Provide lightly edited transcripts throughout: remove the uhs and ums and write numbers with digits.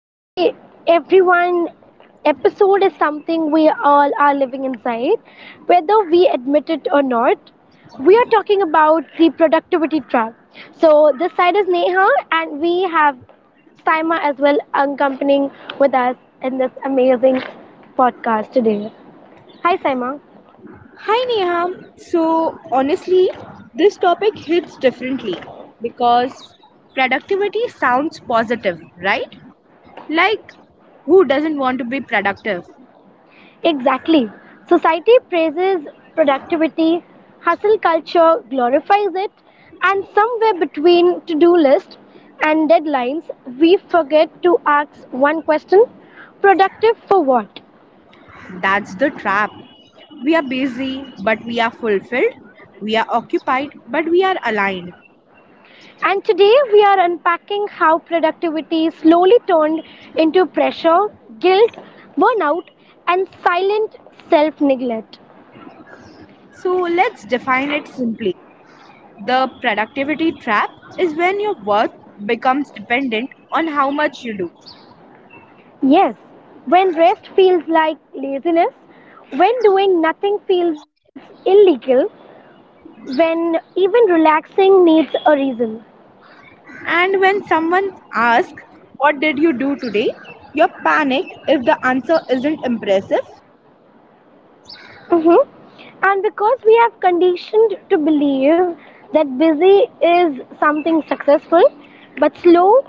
Today, everyone episode is something we all are living inside, whether we admit it or not. We are talking about the productivity trap. So this side is Neha, and we have Saima as well accompanying with us in this amazing podcast today. Hi Saima. Hi Neha. So honestly, this topic hits differently because productivity sounds positive, right? Like who doesn't want to be productive? Exactly. Society praises productivity, hustle culture glorifies it, and somewhere between to do list and deadlines, we forget to ask one question productive for what? That's the trap. We are busy, but we are fulfilled. We are occupied, but we are aligned. And today we are unpacking how productivity slowly turned into pressure, guilt, burnout, and silent self neglect. So let's define it simply. The productivity trap is when your worth becomes dependent on how much you do. Yes, when rest feels like laziness, when doing nothing feels illegal, when even relaxing needs a reason. And when someone asks, What did you do today? You panic if the answer isn't impressive. hmm And because we have conditioned to believe that busy is something successful, but slow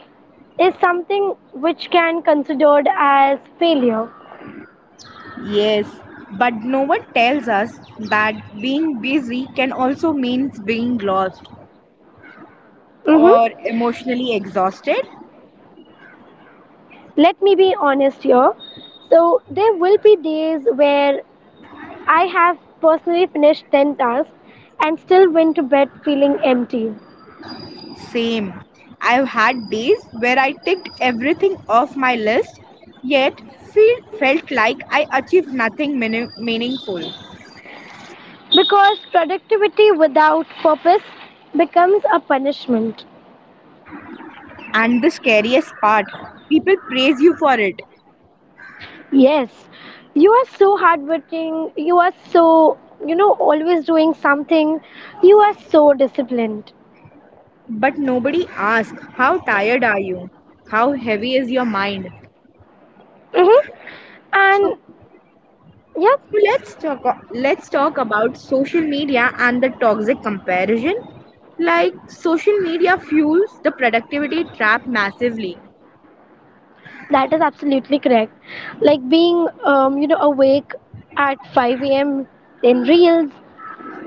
is something which can considered as failure. Yes, but no one tells us that being busy can also mean being lost hmm or emotionally exhausted. Let me be honest here. So there will be days where I have personally finished 10 tasks and still went to bed feeling empty. Same. I've had days where I ticked everything off my list, yet felt like I achieved nothing meaningful. Because productivity without purpose becomes a punishment. And the scariest part, people praise you for it. Yes, you are so hardworking, you are so, always doing something, you are so disciplined. But nobody asks, How tired are you? How heavy is your mind? Mm-hmm. And So, yeah, so, let's talk about social media and the toxic comparison. Like social media fuels the productivity trap massively, that is absolutely correct. Like being, awake at 5 a.m., then reels,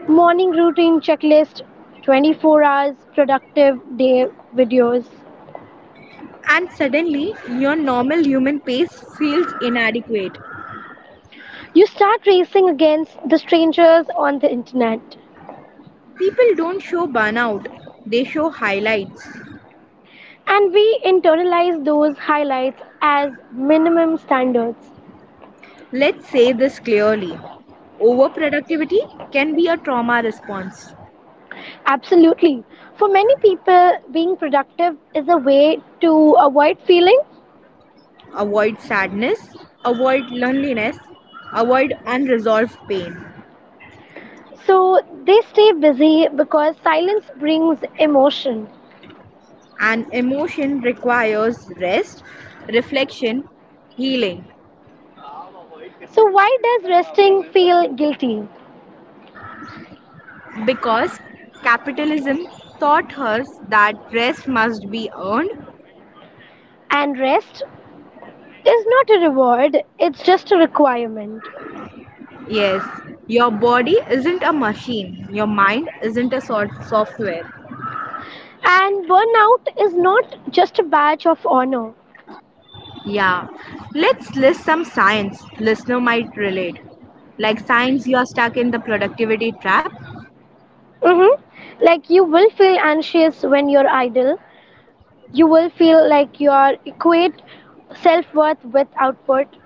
morning routine checklist, 24 hours productive day videos. and suddenly your normal human pace feels inadequate. You start racing against the strangers on the internet. People don't show burnout, they show highlights. And we internalize those highlights as minimum standards. Let's say this clearly. Overproductivity can be a trauma response. Absolutely. For many people, being productive is a way to avoid feeling. Avoid sadness, avoid loneliness, avoid unresolved pain. So they stay busy because silence brings emotion. An emotion requires rest, reflection, healing, So, why does resting feel guilty? because capitalism taught us that rest must be earned. And rest is not a reward, it's just a requirement. Yes, your body isn't a machine, your mind isn't a sort of software. And burnout is not just a badge of honor. Yeah, let's list some signs listener might relate, like signs you are stuck in the productivity trap. hmm Like you will feel anxious when you're idle. You will feel like you are equate self worth with output.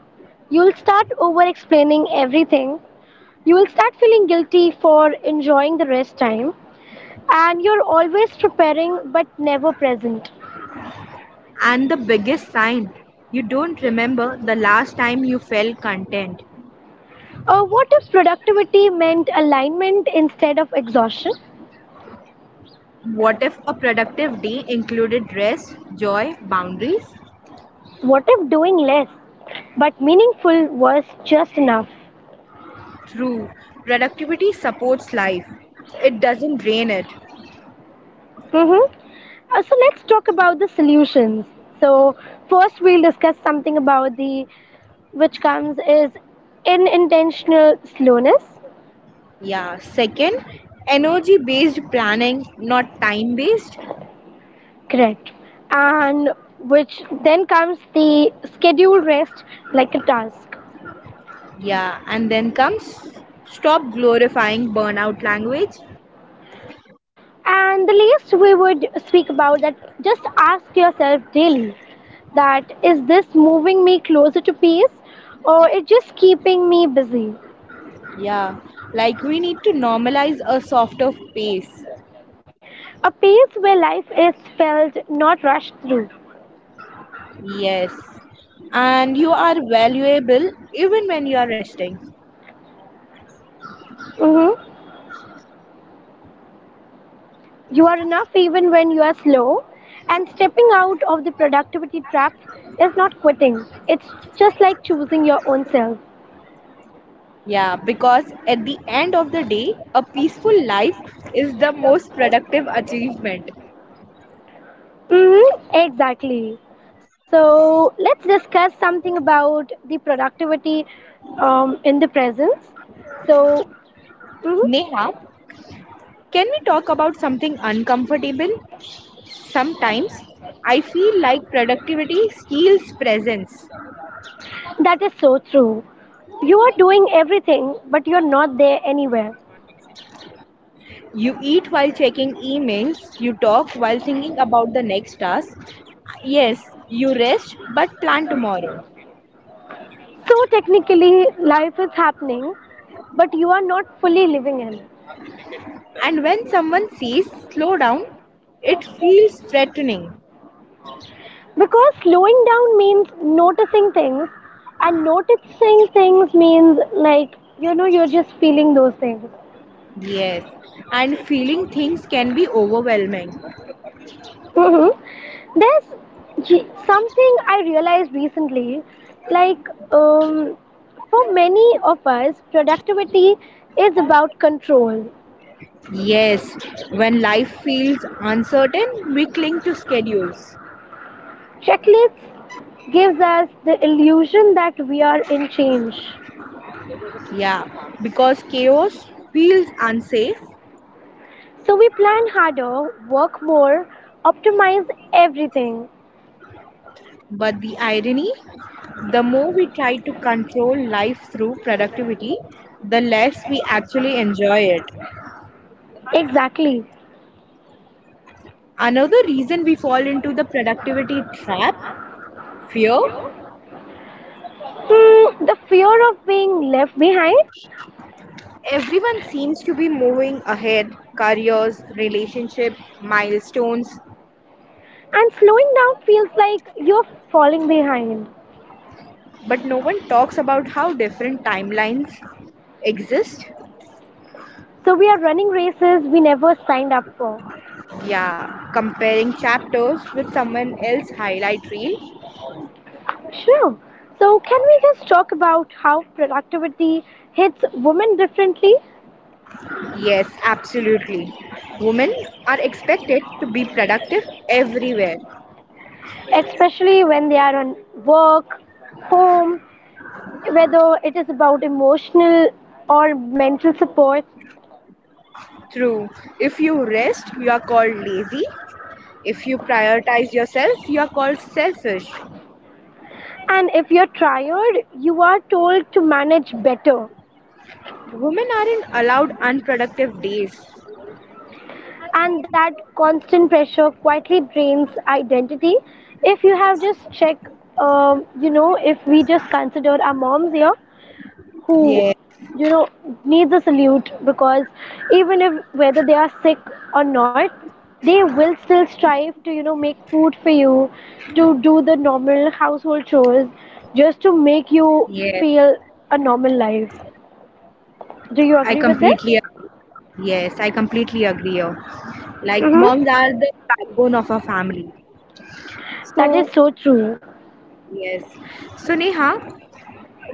You'll start over explaining everything. You will start feeling guilty for enjoying the rest time. And you're always preparing but never present. And the biggest sign, you don't remember the last time you felt content. Or what if productivity meant alignment instead of exhaustion? What if a productive day included rest, joy, boundaries? What if doing less but meaningful was just enough? True, productivity supports life, it doesn't drain it. Mm-hmm. So let's talk about the solutions. So first we'll discuss something about the which comes is unintentional slowness, Yeah, second, energy based planning, not time based. correct? And which then comes the scheduled rest like a task. Yeah, and then comes stop glorifying burnout language. And the least we would speak about that just ask yourself daily that is this moving me closer to peace or it just keeping me busy. Yeah, like we need to normalize a softer pace. A pace where life is felt, not rushed through. Yes. And you are valuable even when you are resting. hmm You are enough even when you are slow, and stepping out of the productivity trap is not quitting. It's just like choosing your own self. Yeah, because at the end of the day, a peaceful life is the most productive achievement. Exactly. So let's discuss something about the productivity in the presence. So mhm, Neha, can we talk about something uncomfortable? Sometimes I feel like productivity steals presence. that is so true. You are doing everything, but you're not there anywhere. You eat while checking emails, you talk while thinking about the next task. Yes, you rest but plan tomorrow. So technically, life is happening, but you are not fully living in. And when someone says slow down, it feels threatening. Because slowing down means noticing things, and noticing things means you're just feeling those things. Yes. And feeling things can be overwhelming. hmm There's something I realized recently like, for many of us, productivity is about control. Yes. When life feels uncertain, we cling to schedules. Checklists gives us the illusion that we are in change. Yeah. Because chaos feels unsafe. So we plan harder, work more, optimize everything. But the irony, the more we try to control life through productivity, the less we actually enjoy it. Exactly. Another reason we fall into the productivity trap, fear. Hmm, the fear of being left behind Everyone seems to be moving ahead: careers, relationship, milestones, and slowing down feels like you're falling behind. but no one talks about how different timelines exist. So we are running races we never signed up for. Yeah, comparing chapters with someone else's highlight reel? Sure. So can we just talk about how productivity hits women differently, Yes, absolutely. Women are expected to be productive everywhere. especially when they are on work, home, whether it is about emotional or mental support? True. If you rest, you are called lazy. If you prioritize yourself, you are called selfish. And if you're tired, you are told to manage better. Women aren't allowed unproductive days. And that constant pressure quietly drains identity. If you have just checked, if we just consider our moms here who, Yes. you know, needs a salute because even if whether they are sick or not, they will still strive to, make food for you, to do the normal household chores, just to make you Yes, feel a normal life. I Do you agree with completely this? agree. Yes, I completely agree. Like Mhm. moms are the backbone of a family. That So, is so true. yes. So Neha,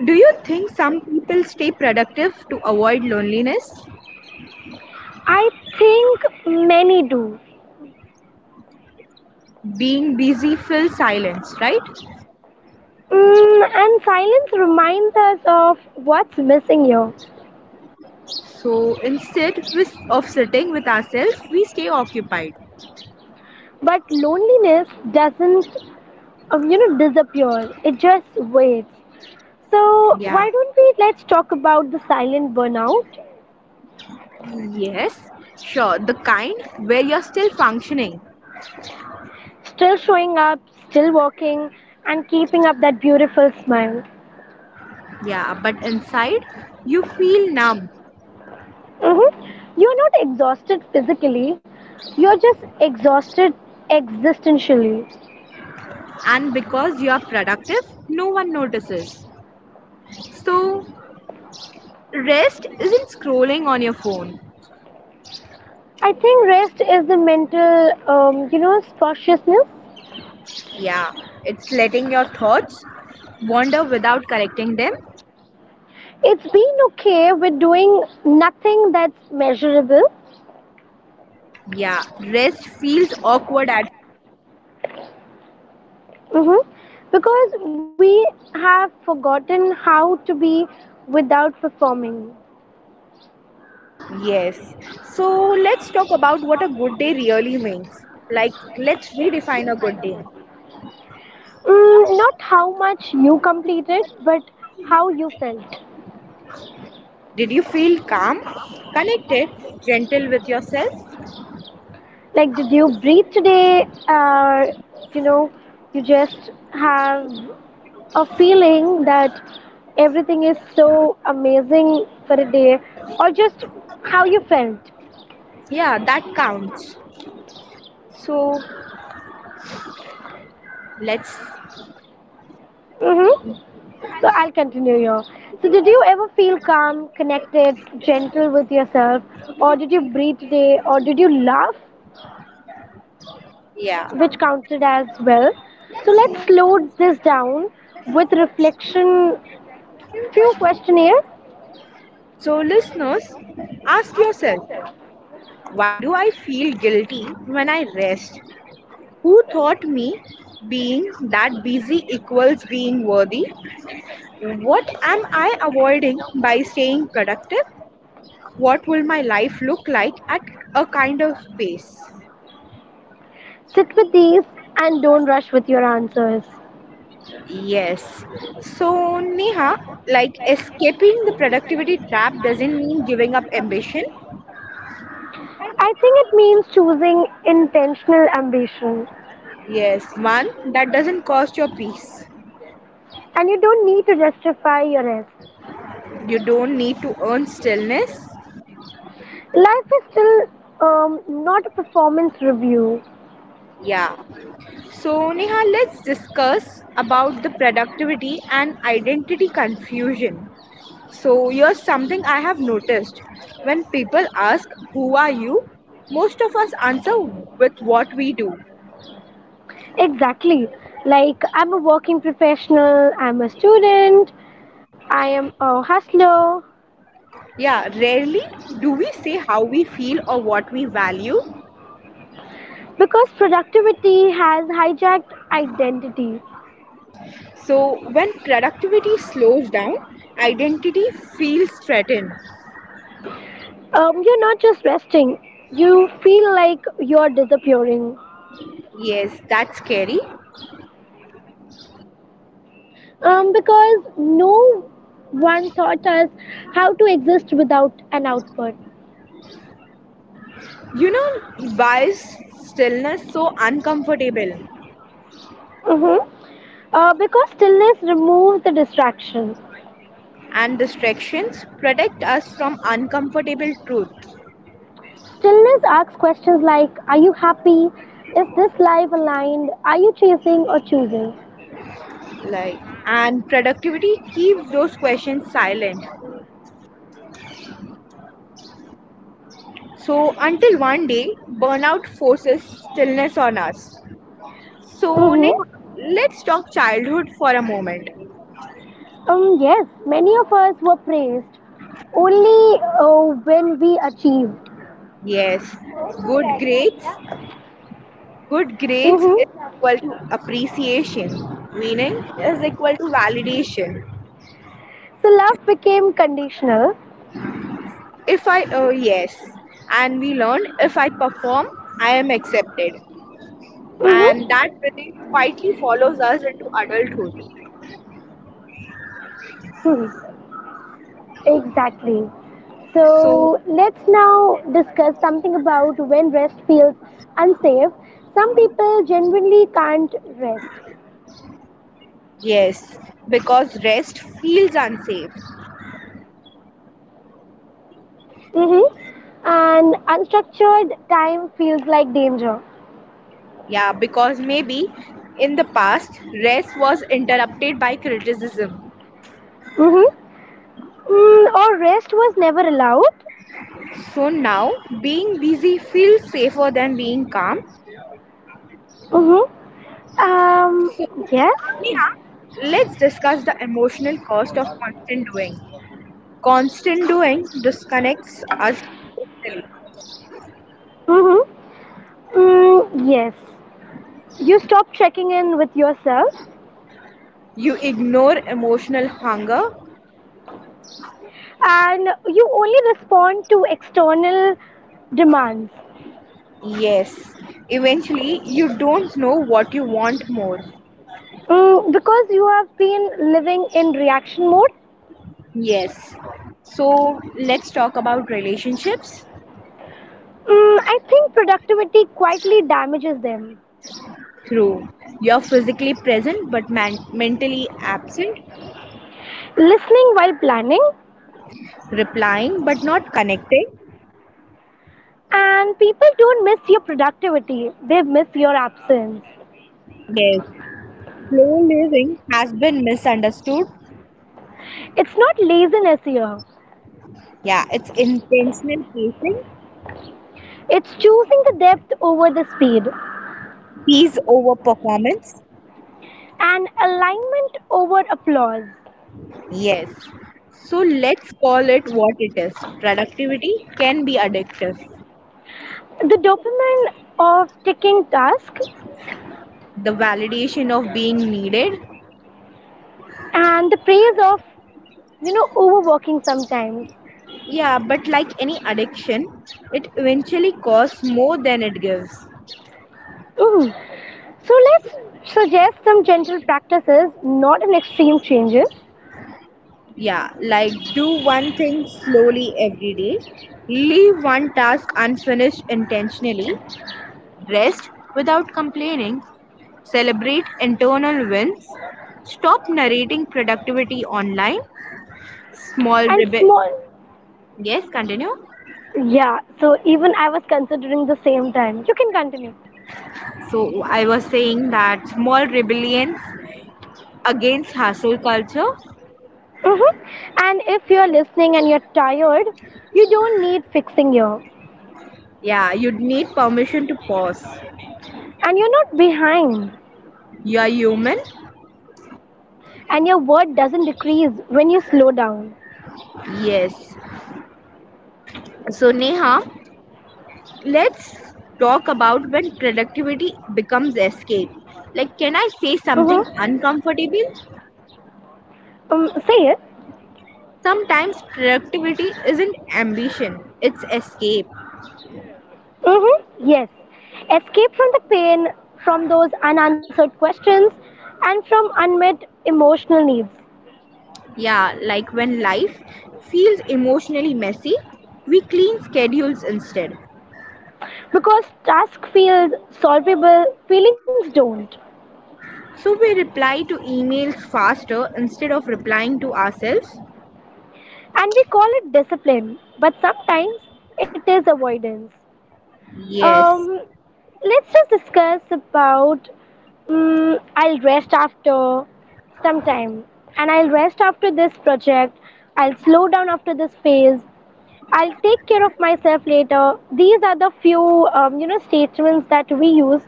do you think some people stay productive to avoid loneliness? I think many do. Being busy fills silence, right? Mm, and silence reminds us of what's missing here. So instead of sitting with ourselves, we stay occupied. But loneliness doesn't, disappear. It just waits. Yeah. So why don't we let's talk about the silent burnout? Yes, sure. The kind where you're still functioning. Still showing up, still walking, and keeping up that beautiful smile. Yeah, but inside you feel numb. Mm-hmm. You're not exhausted physically. You're just exhausted existentially. And because you are productive, no one notices. So, rest isn't scrolling on your phone. I think rest is the mental, spaciousness. Yeah, it's letting your thoughts wander without correcting them. It's being okay with doing nothing that's measurable. Yeah, rest feels awkward at hmm because we have forgotten how to be without performing. yes. So, let's talk about what a good day really means. Like, let's redefine a good day. Mm, not how much you completed, but how you felt. Did you feel calm, connected, gentle with yourself? Like, did you breathe today? Or, you know, you just have a feeling that everything is so amazing for a day or just how you felt. Yeah, that counts. So, let's Mm-hmm. So I'll continue here. So did you ever feel calm, connected, gentle with yourself or did you breathe today or did you laugh yeah. which counted as well? So let's slow this down with reflection few questionnaire. So, listeners, ask yourself, why do I feel guilty when I rest? Who taught me being that busy equals being worthy? What am I avoiding by staying productive? What will my life look like at a kind of pace? Sit with these and don't rush with your answers. Yes. So, Neha, like escaping the productivity trap doesn't mean giving up ambition. I think it means choosing intentional ambition. Yes, one, that doesn't cost your peace. And you don't need to justify your rest. You don't need to earn stillness. Life is still not a performance review. Yeah. So Neha, let's discuss about the productivity and identity confusion. So here's something I have noticed. When people ask, who are you, most of us answer with what we do. Exactly. Like, I'm a working professional, I'm a student, I am a hustler. Yeah, rarely do we say how we feel or what we value. Because productivity has hijacked identity. So when productivity slows down, identity feels threatened. You're not just resting, you feel like you're disappearing. Yes, that's scary. Because no one taught us how to exist without an output. You know why is stillness so uncomfortable? Mhm. Because stillness removes the distraction. And distractions protect us from uncomfortable truths, Stillness asks questions like, are you happy? Is this life aligned? Are you chasing or choosing? like, and productivity keeps those questions silent, so until one day burnout forces stillness on us. So Mm-hmm. Neha, let's talk childhood for a moment. Yes, many of us were praised only when we achieved. Yes, good grades good grades is Mm-hmm. equal to appreciation, meaning is equal to validation. So love became conditional. If I Oh yes. And we learn, if I perform, I am accepted. And that Mm-hmm. belief quietly follows us into adulthood. Mm-hmm. Exactly. So, So let's now discuss something about when rest feels unsafe. Some people genuinely can't rest. yes, because rest feels unsafe. Mm-hmm. And unstructured time feels like danger. Yeah, because maybe in the past, rest was interrupted by criticism. Mm-hmm. Mm, or rest was never allowed. So now, being busy feels safer than being calm. Mm-hmm. Um, So, yes. Neha, let's discuss the emotional cost of constant doing. Constant doing disconnects us emotionally. Mm-hmm. Mm, yes. You stop checking in with yourself You ignore emotional hunger. and you only respond to external demands. Yes. Eventually, you don't know what you want more. Mm, because you have been living in reaction mode, Yes. So, let's talk about relationships. mm, I think productivity quietly damages them. True. You're physically present but mentally absent, Listening while planning. replying but not connecting. And people don't miss your productivity, they miss your absence. Yes. Slow living has been misunderstood. It's not laziness here, Yeah, it's intentional pacing, it's choosing the depth over the speed peace over performance. and alignment over applause. Yes. So let's call it what it is. Productivity can be addictive. The dopamine of ticking task The validation of being needed. and the praise of, overworking sometimes. Yeah, but like any addiction, it eventually costs more than it gives. Mm. So let's suggest some gentle practices, not an extreme changes, Yeah, like do one thing slowly every day, leave one task unfinished intentionally, rest without complaining, celebrate internal wins, stop narrating productivity online, small and rebel. small. Yes, continue. Yeah, so even I was considering the same time. You can continue. So I was saying that small rebellions against hustle culture. Mhm. And if you're listening and you're tired, you don't need fixing here. Yeah, you'd need permission to pause. And you're not behind. You are human? And your word doesn't decrease when you slow down. Yes. So, Neha, let's talk about when productivity becomes escape. Like, can I say Mm-hmm. something uncomfortable? Say it. Sometimes productivity isn't ambition, it's escape. Mm-hmm. Yes. Escape from the pain, from those unanswered questions, and from unmet emotional needs. Yeah, like when life feels emotionally messy, we clean schedules instead. Because task feels solvable, feelings don't. So we reply to emails faster instead of replying to ourselves? And we call it discipline, but sometimes it is avoidance. Yes. Um, let's just discuss about. I'll rest after some time, and I'll rest after this project. I'll slow down after this phase. I'll take care of myself later. These are the few, statements that we use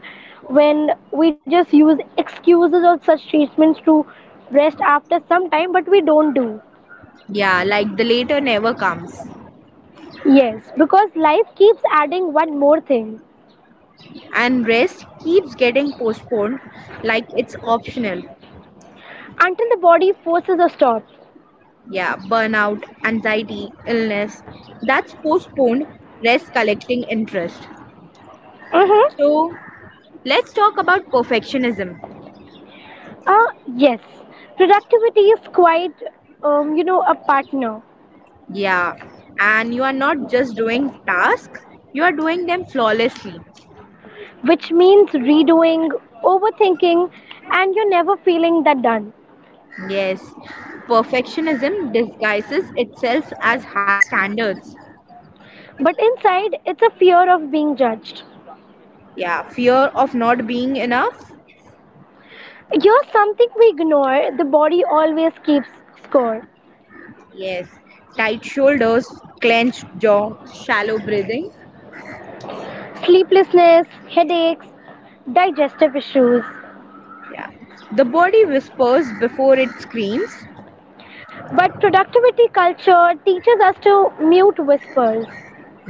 when we just use excuses or such statements to rest after some time, but we don't do. Yeah, like the later never comes. Yes, because life keeps adding one more thing And rest keeps getting postponed like it's optional. until the body forces a stop. Yeah, burnout, anxiety, illness. That's postponed rest collecting interest. Mm-hmm. So let's talk about perfectionism. Yes, productivity is quite, a partner, Yeah, and you are not just doing tasks, you are doing them flawlessly. which means redoing, overthinking, and you're never feeling that done. Yes, perfectionism disguises itself as high standards. But inside, it's a fear of being judged. Yeah, fear of not being enough. Here's something we ignore the body always keeps score Yes, tight shoulders, clenched jaw, shallow breathing. sleeplessness, headaches, digestive issues. Yeah. The body whispers before it screams. But productivity culture teaches us to mute whispers,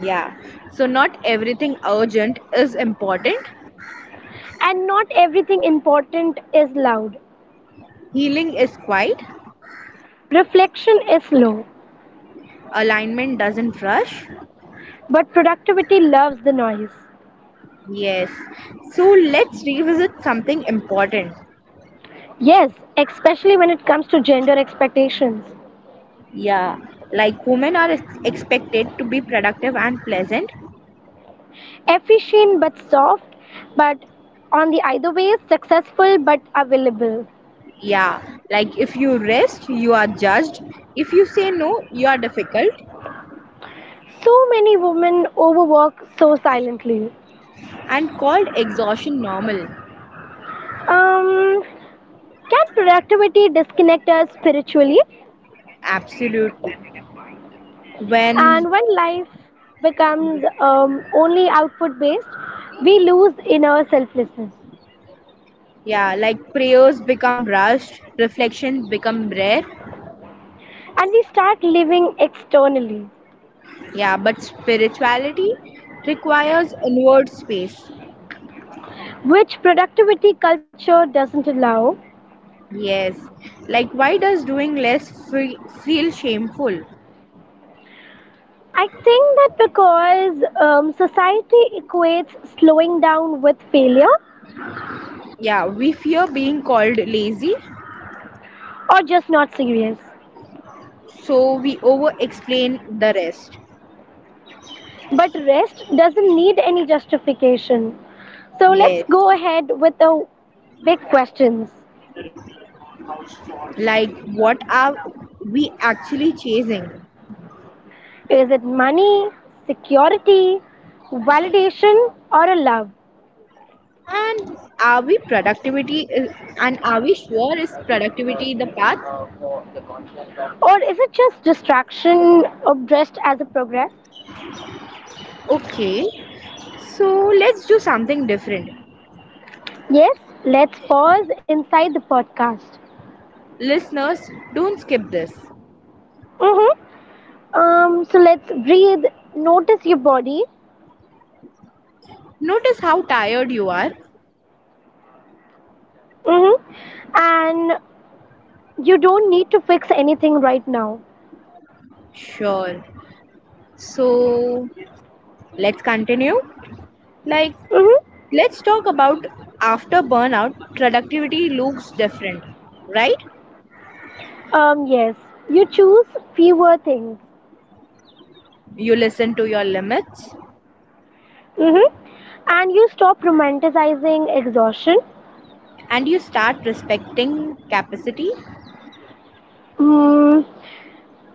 Yeah. So, not everything urgent is important. and not everything important is loud. Healing is quiet. Reflection is slow. Alignment doesn't rush. But productivity loves the noise. Yes. So, let's revisit something important. Yes, especially when it comes to gender expectations. Yeah. Like, women are expected to be productive and pleasant. Efficient but soft, but on the either way, successful but available. Yeah. Like, if you rest, you are judged. If you say no, you are difficult. So many women overwork so silently. And called exhaustion normal. Um, can productivity disconnect us spiritually? Absolutely. When, And when life becomes only output based, we lose inner selflessness yeah, like prayers become rushed, reflections become rare. and we start living externally. Yeah, but spirituality requires inward space. Which productivity culture doesn't allow. Yes, like why does doing less feel shameful? I think that because society equates slowing down with failure Yeah, we fear being called lazy, or just not serious. so we over explain the rest. But rest doesn't need any justification. So let's Yes, go ahead with the big questions. like what are we actually chasing? Is it money, security, validation, or a love? And are we productivity is, and are we sure is productivity the path? Or is it just distraction dressed as a progress? Okay, so let's do something different. Yes, let's pause inside the podcast. Listeners, don't skip this. hmm so let's breathe, notice your body. Notice how tired you are. hmm and you don't need to fix anything right now. Sure. So let's continue. Like, hmm let's talk about after burnout, productivity looks different, right? Yes, you choose fewer things. You listen to your limits hmm and you stop romanticizing exhaustion. and you start respecting capacity. Mm,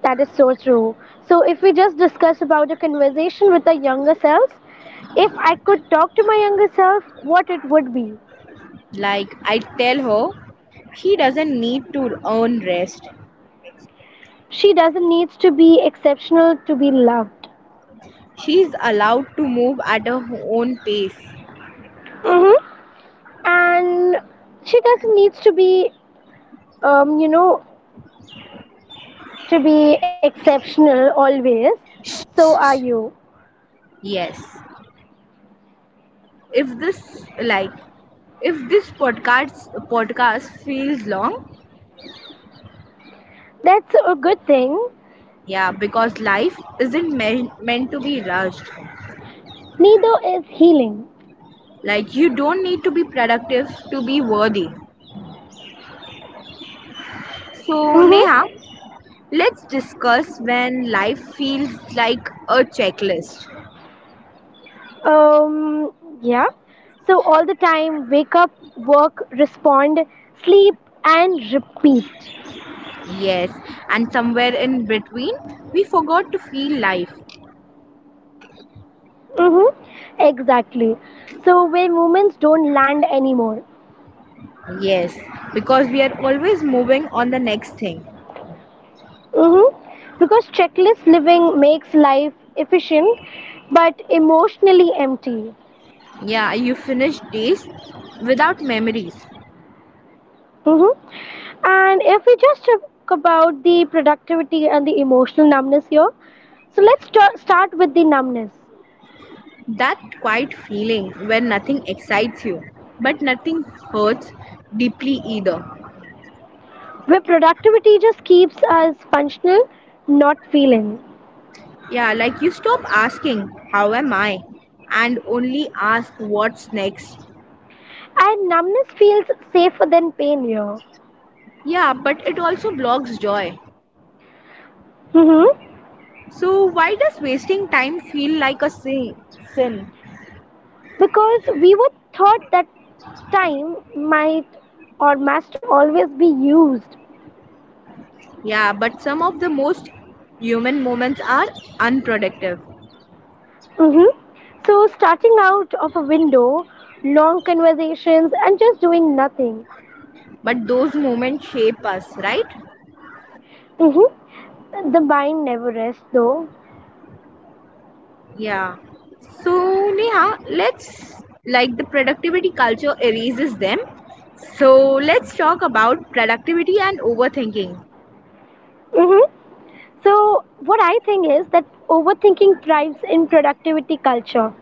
that is so true. So, if we just discuss about a conversation with our younger selves, if I could talk to my younger self, what it would be? Like I tell her, she doesn't need to earn rest. She doesn't need to be exceptional to be loved. She is allowed to move at her own pace. Mhm. And she doesn't needs to be um, you know to be exceptional always so are you Yes. If this like if this podcast feels long, that's a good thing yeah, because life isn't meant to be rushed. neither is healing. Like you don't need to be productive to be worthy. So Mm-hmm. Neha, let's discuss when life feels like a checklist. um, yeah, so all the time wake up work respond sleep and repeat. Yes, and somewhere in between, we forgot to feel life. Mm-hmm. Exactly, so where moments don't land anymore. Yes, because we are always moving on the next thing. Mm-hmm. Because checklist living makes life efficient but emotionally empty. Yeah, you finish days without memories. Mm-hmm. And if we just talk about the productivity and the emotional numbness here, so let's start with the numbness, That quiet feeling where nothing excites you. But nothing hurts deeply either. where productivity just keeps us functional, not feeling. Yeah, like you stop asking, How am I? And only ask, What's next? And numbness feels safer than pain here. Yeah, but it also blocks joy. Mm-hmm. So, why does wasting time feel like a sin? Because we were taught that time might or must always be used. Yeah, but some of the most human moments are unproductive. Mm-hmm. So, starting out of a window, long conversations, and just doing nothing. But those moments shape us, right? Mm-hmm. The mind never rests, though. Yeah. So, Neha, let's like the productivity culture erases them. So, let's talk about productivity and overthinking. Mm-hmm. So, what I think is that overthinking thrives in productivity culture.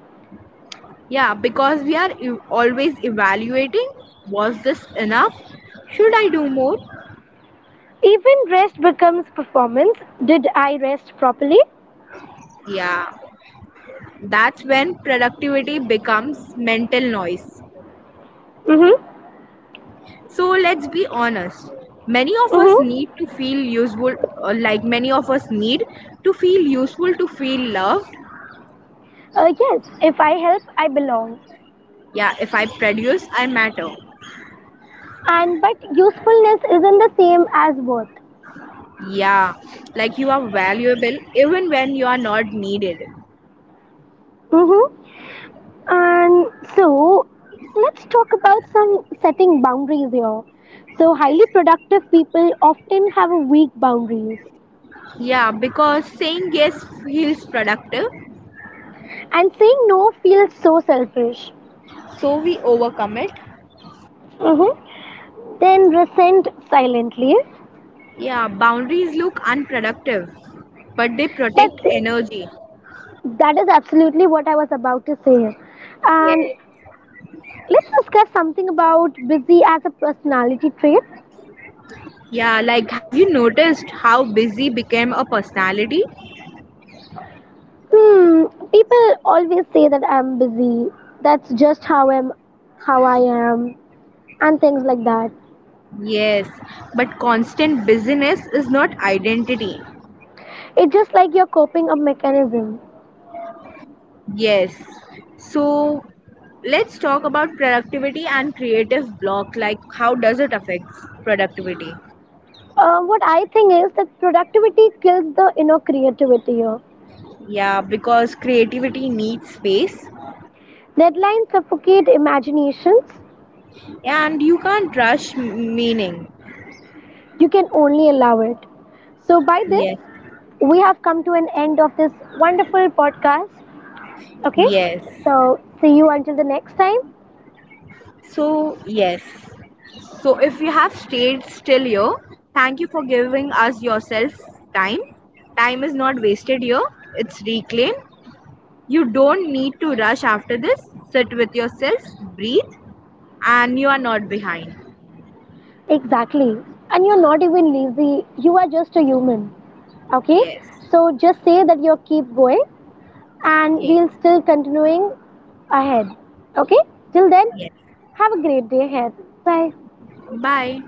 Yeah, because we are always evaluating, was this enough? Should I do more? Even rest becomes performance. Did I rest properly? Yeah, that's when productivity becomes mental noise. Mm-hmm. So let's be honest. Many of us Mm-hmm. need to feel useful, many of us need to feel useful to feel loved. Yes, if I help, I belong. Yeah, if I produce, I matter. And but usefulness isn't the same as worth. Yeah, like you are valuable even when you are not needed. Mm-hmm. And so, let's talk about some setting boundaries here. So, highly productive people often have a weak boundaries, Yeah, because saying yes feels productive, and saying no feels so selfish. so we overcommit. Mm-hmm. Then resent silently, Yeah, boundaries look unproductive, but they protect but energy. that is absolutely what I was about to say. And Yes. let's discuss something about busy as a personality trait. Yeah, like have you noticed how busy became a personality? Hmm, people always say that I'm busy. That's just how I'm, how I am, and things like Y- that. Yes, but constant busyness is not identity. It's just like your coping up mechanism. Yes. So let's talk about productivity and creative block. Like, how does it affect productivity? What I think is that productivity kills the inner creativity here. Yeah, because creativity needs space Deadlines suffocate imaginations. and you can't rush meaning. You can only allow it. So, by this, Yes, we have come to an end of this wonderful podcast. Okay? yes. So, see you until the next time. So, yes. So, if you have stayed still here, thank you for giving us yourself time. Time is not wasted here, it's reclaimed. You don't need to rush after this. Sit with yourself, breathe, and you are not behind. Exactly. And you're not even lazy, you are just a human. Okay? Yes, So, just say that you keep going and yes, we'll still continuing ahead. Okay? Till then, yes. have a great day ahead. Bye. Bye.